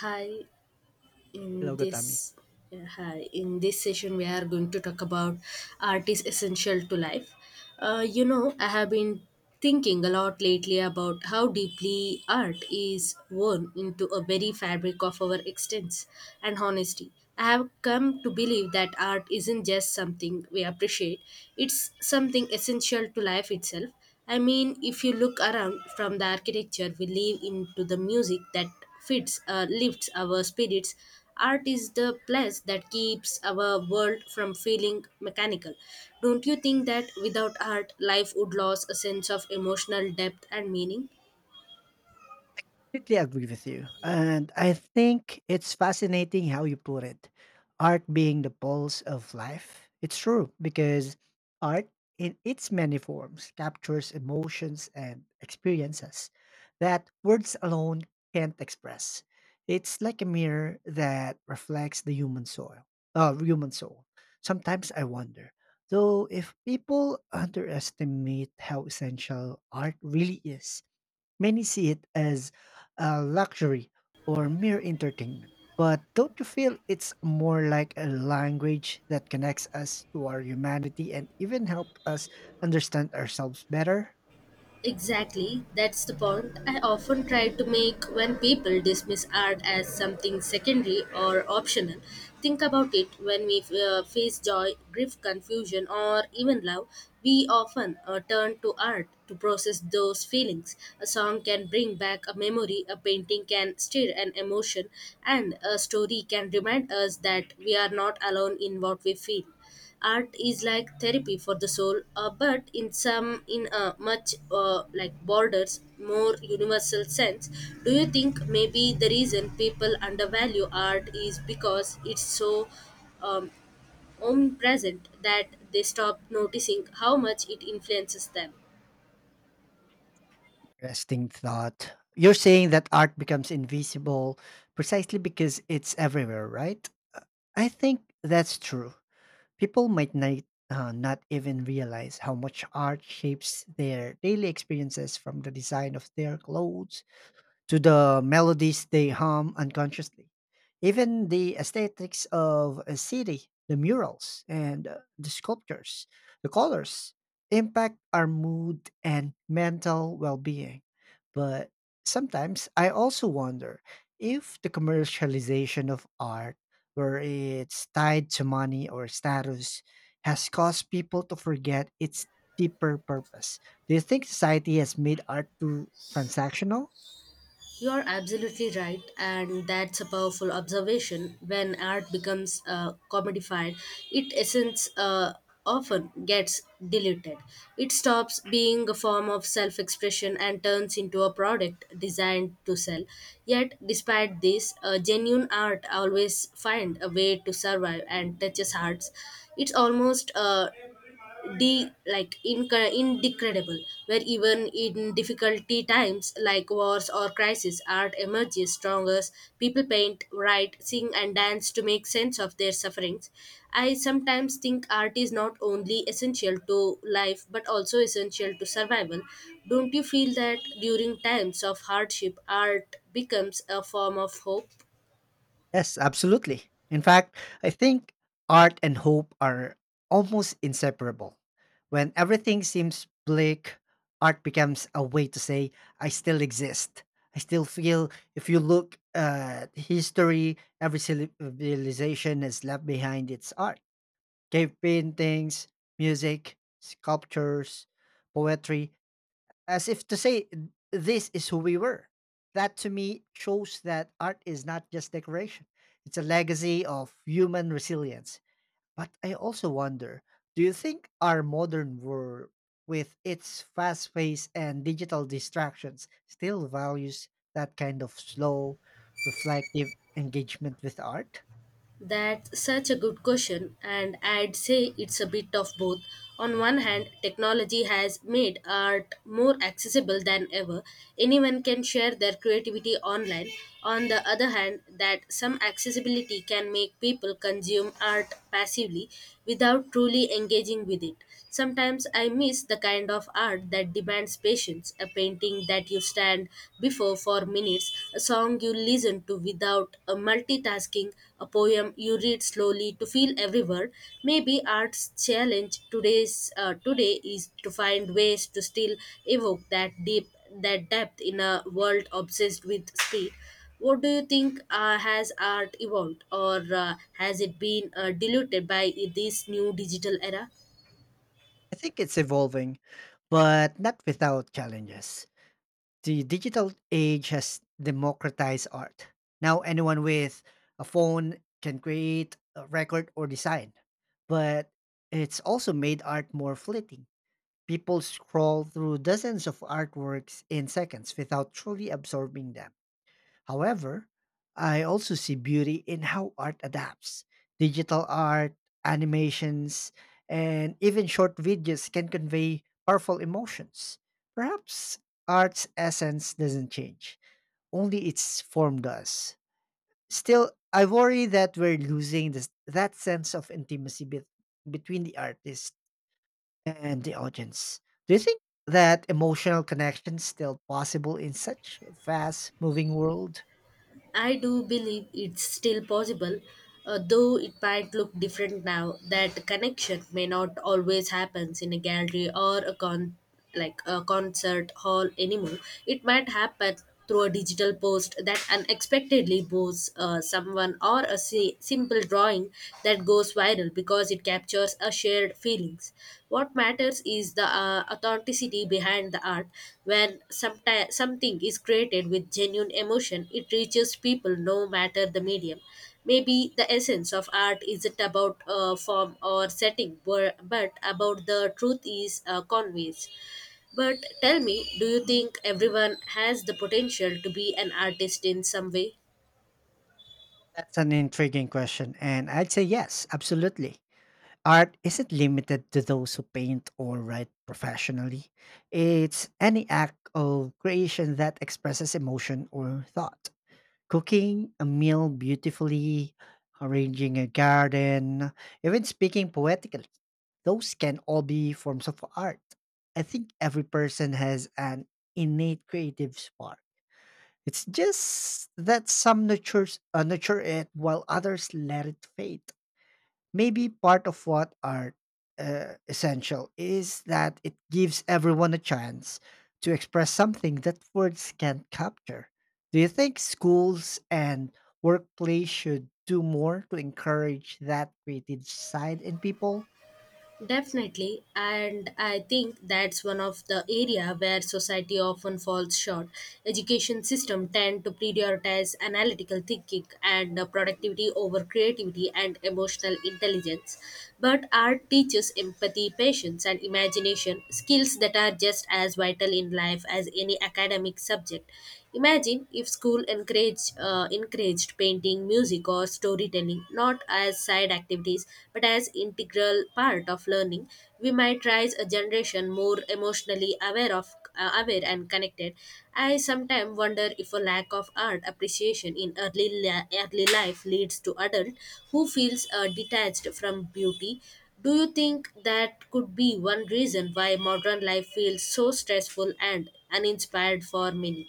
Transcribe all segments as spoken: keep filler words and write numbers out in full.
Hi, in Hello, Gotami. this yeah, hi in this session we are going to talk about art is essential to life. Uh, you know, I have been thinking a lot lately about how deeply art is woven into a very fabric of our existence and honesty. I have come to believe that art isn't just something we appreciate; it's something essential to life itself. I mean, if you look around from the architecture we live into the music that fits uh, lifts our spirits, art is the place that keeps our world from feeling mechanical. Don't you think that without art life would lose a sense of emotional depth and meaning? Completely agree with you. And I think it's fascinating how you put it. Art being the pulse of life. It's true because art in its many forms captures emotions and experiences that words alone can't express. It's like a mirror that reflects the human soil, Uh, human soul. Sometimes I wonder, though, if people underestimate how essential art really is. Many see it as a luxury or mere entertainment. But don't you feel it's more like a language that connects us to our humanity and even help us understand ourselves better? Exactly, that's the point I often try to make when people dismiss art as something secondary or optional. Think about it, when we uh, face joy, grief, confusion, or even love, we often uh, turn to art to process those feelings. A song can bring back a memory, a painting can stir an emotion, and a story can remind us that we are not alone in what we feel. Art is like therapy for the soul, uh, but in some in a much uh, like borders more universal sense. Do you think maybe the reason people undervalue art is because it's so um, omnipresent that they stop noticing how much it influences them? Interesting thought. You're saying that art becomes invisible precisely because it's everywhere, right? Uh, I think that's true. People might not, uh, not even realize how much art shapes their daily experiences from the design of their clothes to the melodies they hum unconsciously. Even the aesthetics of a city, the murals and uh, the sculptures, the colors impact our mood and mental well being. But sometimes I also wonder if the commercialization of art, where it's tied to money or status, has caused people to forget its deeper purpose. Do you think society has made art too transactional? You're absolutely right, and that's a powerful observation. When art becomes uh, commodified, its essence uh, often gets diluted. It stops being a form of self expression and turns into a product designed to sell. Yet, despite this, uh, genuine art always finds a way to survive and touches hearts. It's almost uh, de like inc- indecredible where even in difficulty times like wars or crisis art emerges strongest. People paint, write, sing, and dance to make sense of their sufferings. I sometimes think art is not only essential to life but also essential to survival. Don't you feel that during times of hardship art becomes a form of hope? Yes, absolutely. In fact, I think art and hope are almost inseparable. When everything seems bleak, art becomes a way to say, I still exist. I still feel if you look at history, every civilization has left behind its art. Cave paintings, music, sculptures, poetry as if to say this is who we were. That to me shows that art is not just decoration, it's a legacy of human resilience. But I also wonder, do you think our modern world, with its fast pace and digital distractions, still values that kind of slow, reflective engagement with art? That's such a good question, and I'd say it's a bit of both. On one hand, technology has made art more accessible than ever. Anyone can share their creativity online. On the other hand, that some accessibility can make people consume art passively without truly engaging with it. Sometimes I miss the kind of art that demands patience, a painting that you stare stand before for minutes, a song you listen to without a multitasking, a poem you read slowly to feel every word. Maybe art's challenge today's uh, today is to find ways to still evoke that deep that depth in a world obsessed with speed. What do you think, uh, has art evolved or uh, has it been uh, diluted by this new digital era? I think it's evolving, but not without challenges. The digital age has democratized art. Now anyone with a phone can create, a record, or design. But it's also made art more fleeting. People scroll through dozens of artworks in seconds without truly absorbing them. However, I also see beauty in how art adapts. Digital art, animations, and even short videos can convey powerful emotions. Perhaps art's essence doesn't change, only its form does. Still, I worry that we're losing this, that sense of intimacy bet- between the artist and the audience. Do you think that emotional connection still possible in such a fast moving world? I do believe it's still possible, uh, though it might look different now. That connection may not always happen in a gallery or a con like a concert hall anymore. It might happen through a digital post that unexpectedly boosts uh, someone, or a si- simple drawing that goes viral viral because it captures a shared feelings. What matters is the uh, authenticity behind the art. When someti- something is created with genuine emotion, it reaches people no matter the medium. Maybe the essence of art isn't about uh, form or setting, bu- but about the truth is uh, conveys. But tell me, do you think everyone has the potential to be an artist in some way? That's an intriguing question, and I'd say yes, absolutely. Art isn't limited to those who paint or write professionally. It's any act of creation that expresses emotion or thought. Cooking a meal beautifully, arranging a garden, even speaking poetically. Those can all be forms of art. I think every person has an innate creative spark. It's just that some nurtures, uh, nurture it while others let it fade. Maybe part of what art uh, essential is that it gives everyone a chance to express something that words can't capture. Do you think schools and workplace should do more to encourage that creative side in people? Definitely, and I think that's one of the area where society often falls short. Education system tend to prioritize analytical thinking and uh, productivity over creativity and emotional intelligence, but art teaches empathy, patience, and imagination, skills that are just as vital in life as any academic subject. Imagine if school encouraged, uh, encouraged painting, music, or storytelling not as side activities but as integral part of learning. We might raise a generation more emotionally aware of uh, aware and connected. I sometimes wonder if a lack of art appreciation in early la- early life leads to adult who feels uh, detached from beauty. Do you think that could be one reason why modern life feels so stressful and uninspired for many?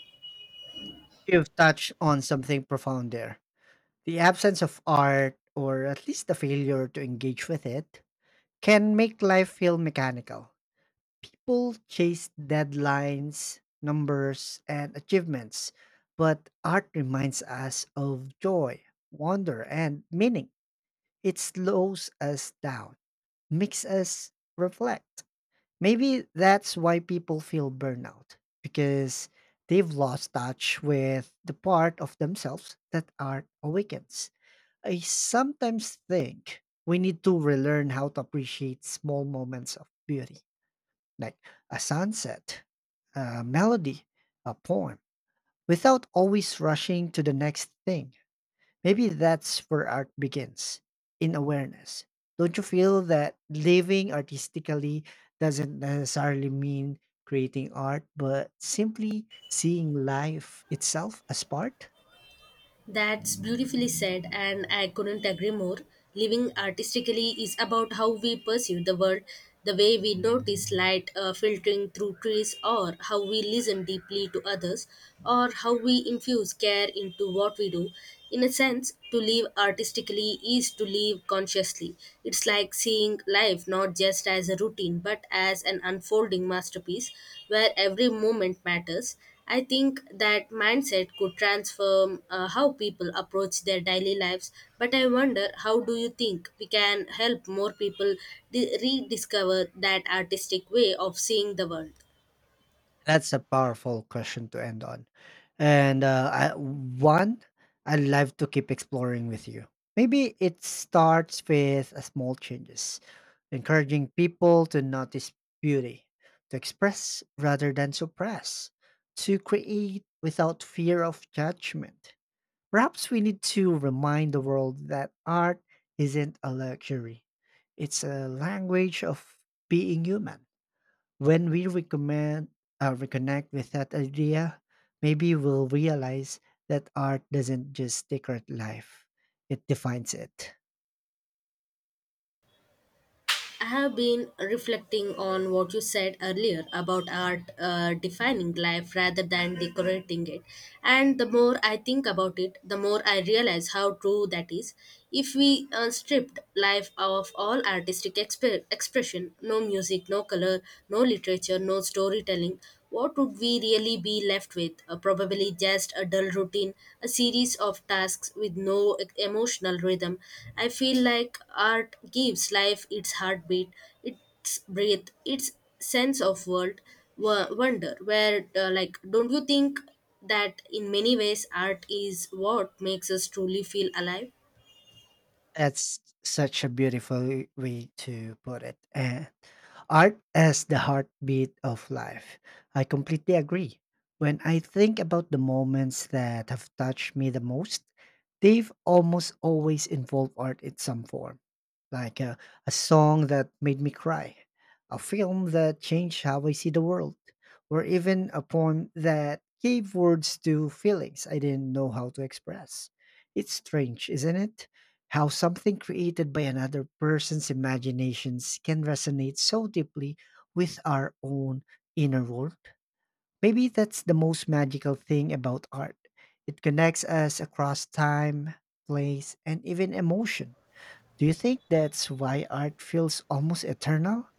You've touched on something profound there. The absence of art, or at least the failure to engage with it, can make life feel mechanical. People chase deadlines, numbers, and achievements, but art reminds us of joy, wonder, and meaning. It slows us down, makes us reflect. Maybe that's why people feel burnout, because they've lost touch with the part of themselves that art awakens. I sometimes think we need to relearn how to appreciate small moments of beauty, like a sunset, a melody, a poem, without always rushing to the next thing. Maybe that's where art begins in awareness. Don't you feel that living artistically doesn't necessarily mean creating art, but simply seeing life itself as part? That's beautifully said, and I couldn't agree more. Living artistically is about how we perceive the world, the way we notice light uh, filtering through trees, or how we listen deeply to others, or how we infuse care into what we do. In a sense, to live artistically is to live consciously. It's like seeing life not just as a routine but as an unfolding masterpiece where every moment matters. I think that mindset could transform uh, how people approach their daily lives, but I wonder, how do you think we can help more people di- rediscover that artistic way of seeing the world? That's a powerful question to end on. And uh, I, one, I'd love to keep exploring with you. Maybe it starts with a small changes, encouraging people to notice beauty, to express rather than suppress, to create without fear of judgment. Perhaps we need to remind the world that art isn't a luxury, it's a language of being human. When we recommend uh, reconnect with that idea, maybe we'll realize that art doesn't just decorate life; it defines it. I have been reflecting on what you said earlier about art uh, defining life rather than decorating it. And the more I think about it, the more I realize how true that is. If we uh, stripped life of all artistic exp- expression, no music, no color, no literature, no storytelling, what would we really be left with? Uh, probably just a dull routine, a series of tasks with no e- emotional rhythm. I feel like art gives life its heartbeat, its breath, its sense of world wo- wonder. Where, uh, like, don't you think that in many ways art is what makes us truly feel alive? That's such a beautiful way to put it. And art as the heartbeat of life. I completely agree. When I think about the moments that have touched me the most, they've almost always involved art in some form, like a, a song that made me cry, a film that changed how I see the world, or even a poem that gave words to feelings I didn't know how to express. It's strange, isn't it? How something created by another person's imaginations can resonate so deeply with our own inner world. Maybe that's the most magical thing about art. It connects us across time, place, and even emotion. Do you think that's why art feels almost eternal?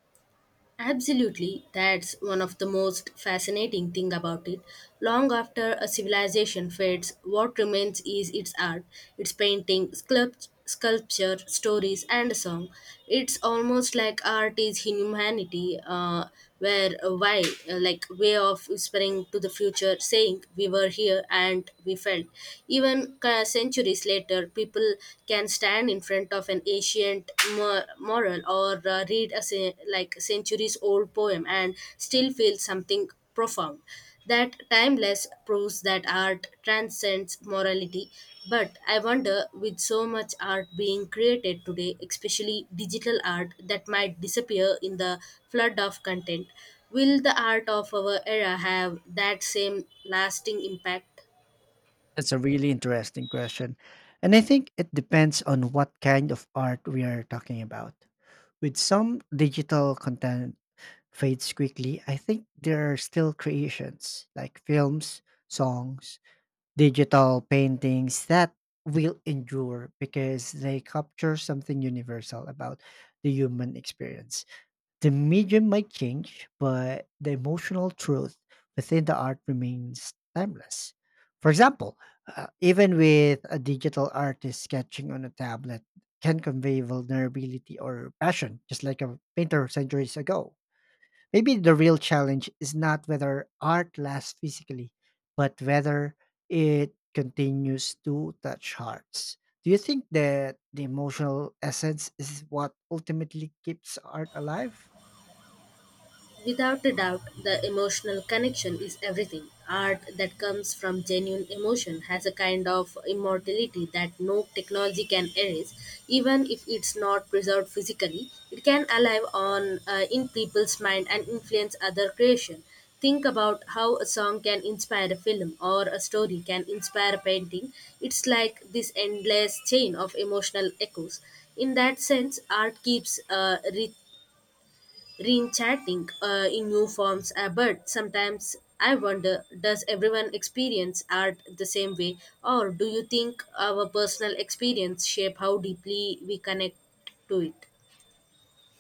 Absolutely, that's one of the most fascinating thing about it. Long after a civilization fades, what remains is its art, its painting, sculpt- sculpture, stories, and song. It's almost like art is humanity, uh, where a why, uh, like way of whispering to the future, saying we were here and we felt. Even uh, centuries later, people can stand in in front of an ancient mor- moral, or uh, read a ce- like centuries old poem and still feel something profound. That timeless proves that art transcends morality, but I wonder, with so much art being created today, especially digital art that might disappear in the flood of content, will the art of our era have that same lasting impact? That's a really interesting question. And I think it depends on what kind of art we are talking about. With some digital content fades quickly, I think there are still creations like films, songs, digital paintings that will endure because they capture something universal about the human experience. The medium might change, but the emotional truth within the art remains timeless. For example, uh, even with a digital artist sketching on a tablet can convey vulnerability or passion, just like a painter centuries ago. Maybe the real challenge is not whether art lasts physically, but whether it continues to touch hearts. Do you think that the emotional essence is what ultimately keeps art alive? Without a doubt, the emotional connection is everything. Art that comes from genuine emotion has a kind of immortality that no technology can erase. Even if it's not preserved physically, it can alive on uh, in people's mind and influence other creation. Think about how a song can inspire a film or a story can inspire a painting. It's like this endless chain of emotional echoes. In that sense, art keeps uh, re- reinventing uh, in new forms. Uh, but sometimes I wonder, does everyone experience art the same way, or do you think our personal experience shape how deeply we connect to it?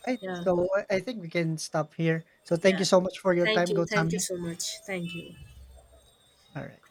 Right. Yeah, So I I think we can stop here. So thank you yeah. so much for your Thank time, you. Thank you Gotami. so much. Thank you. All right.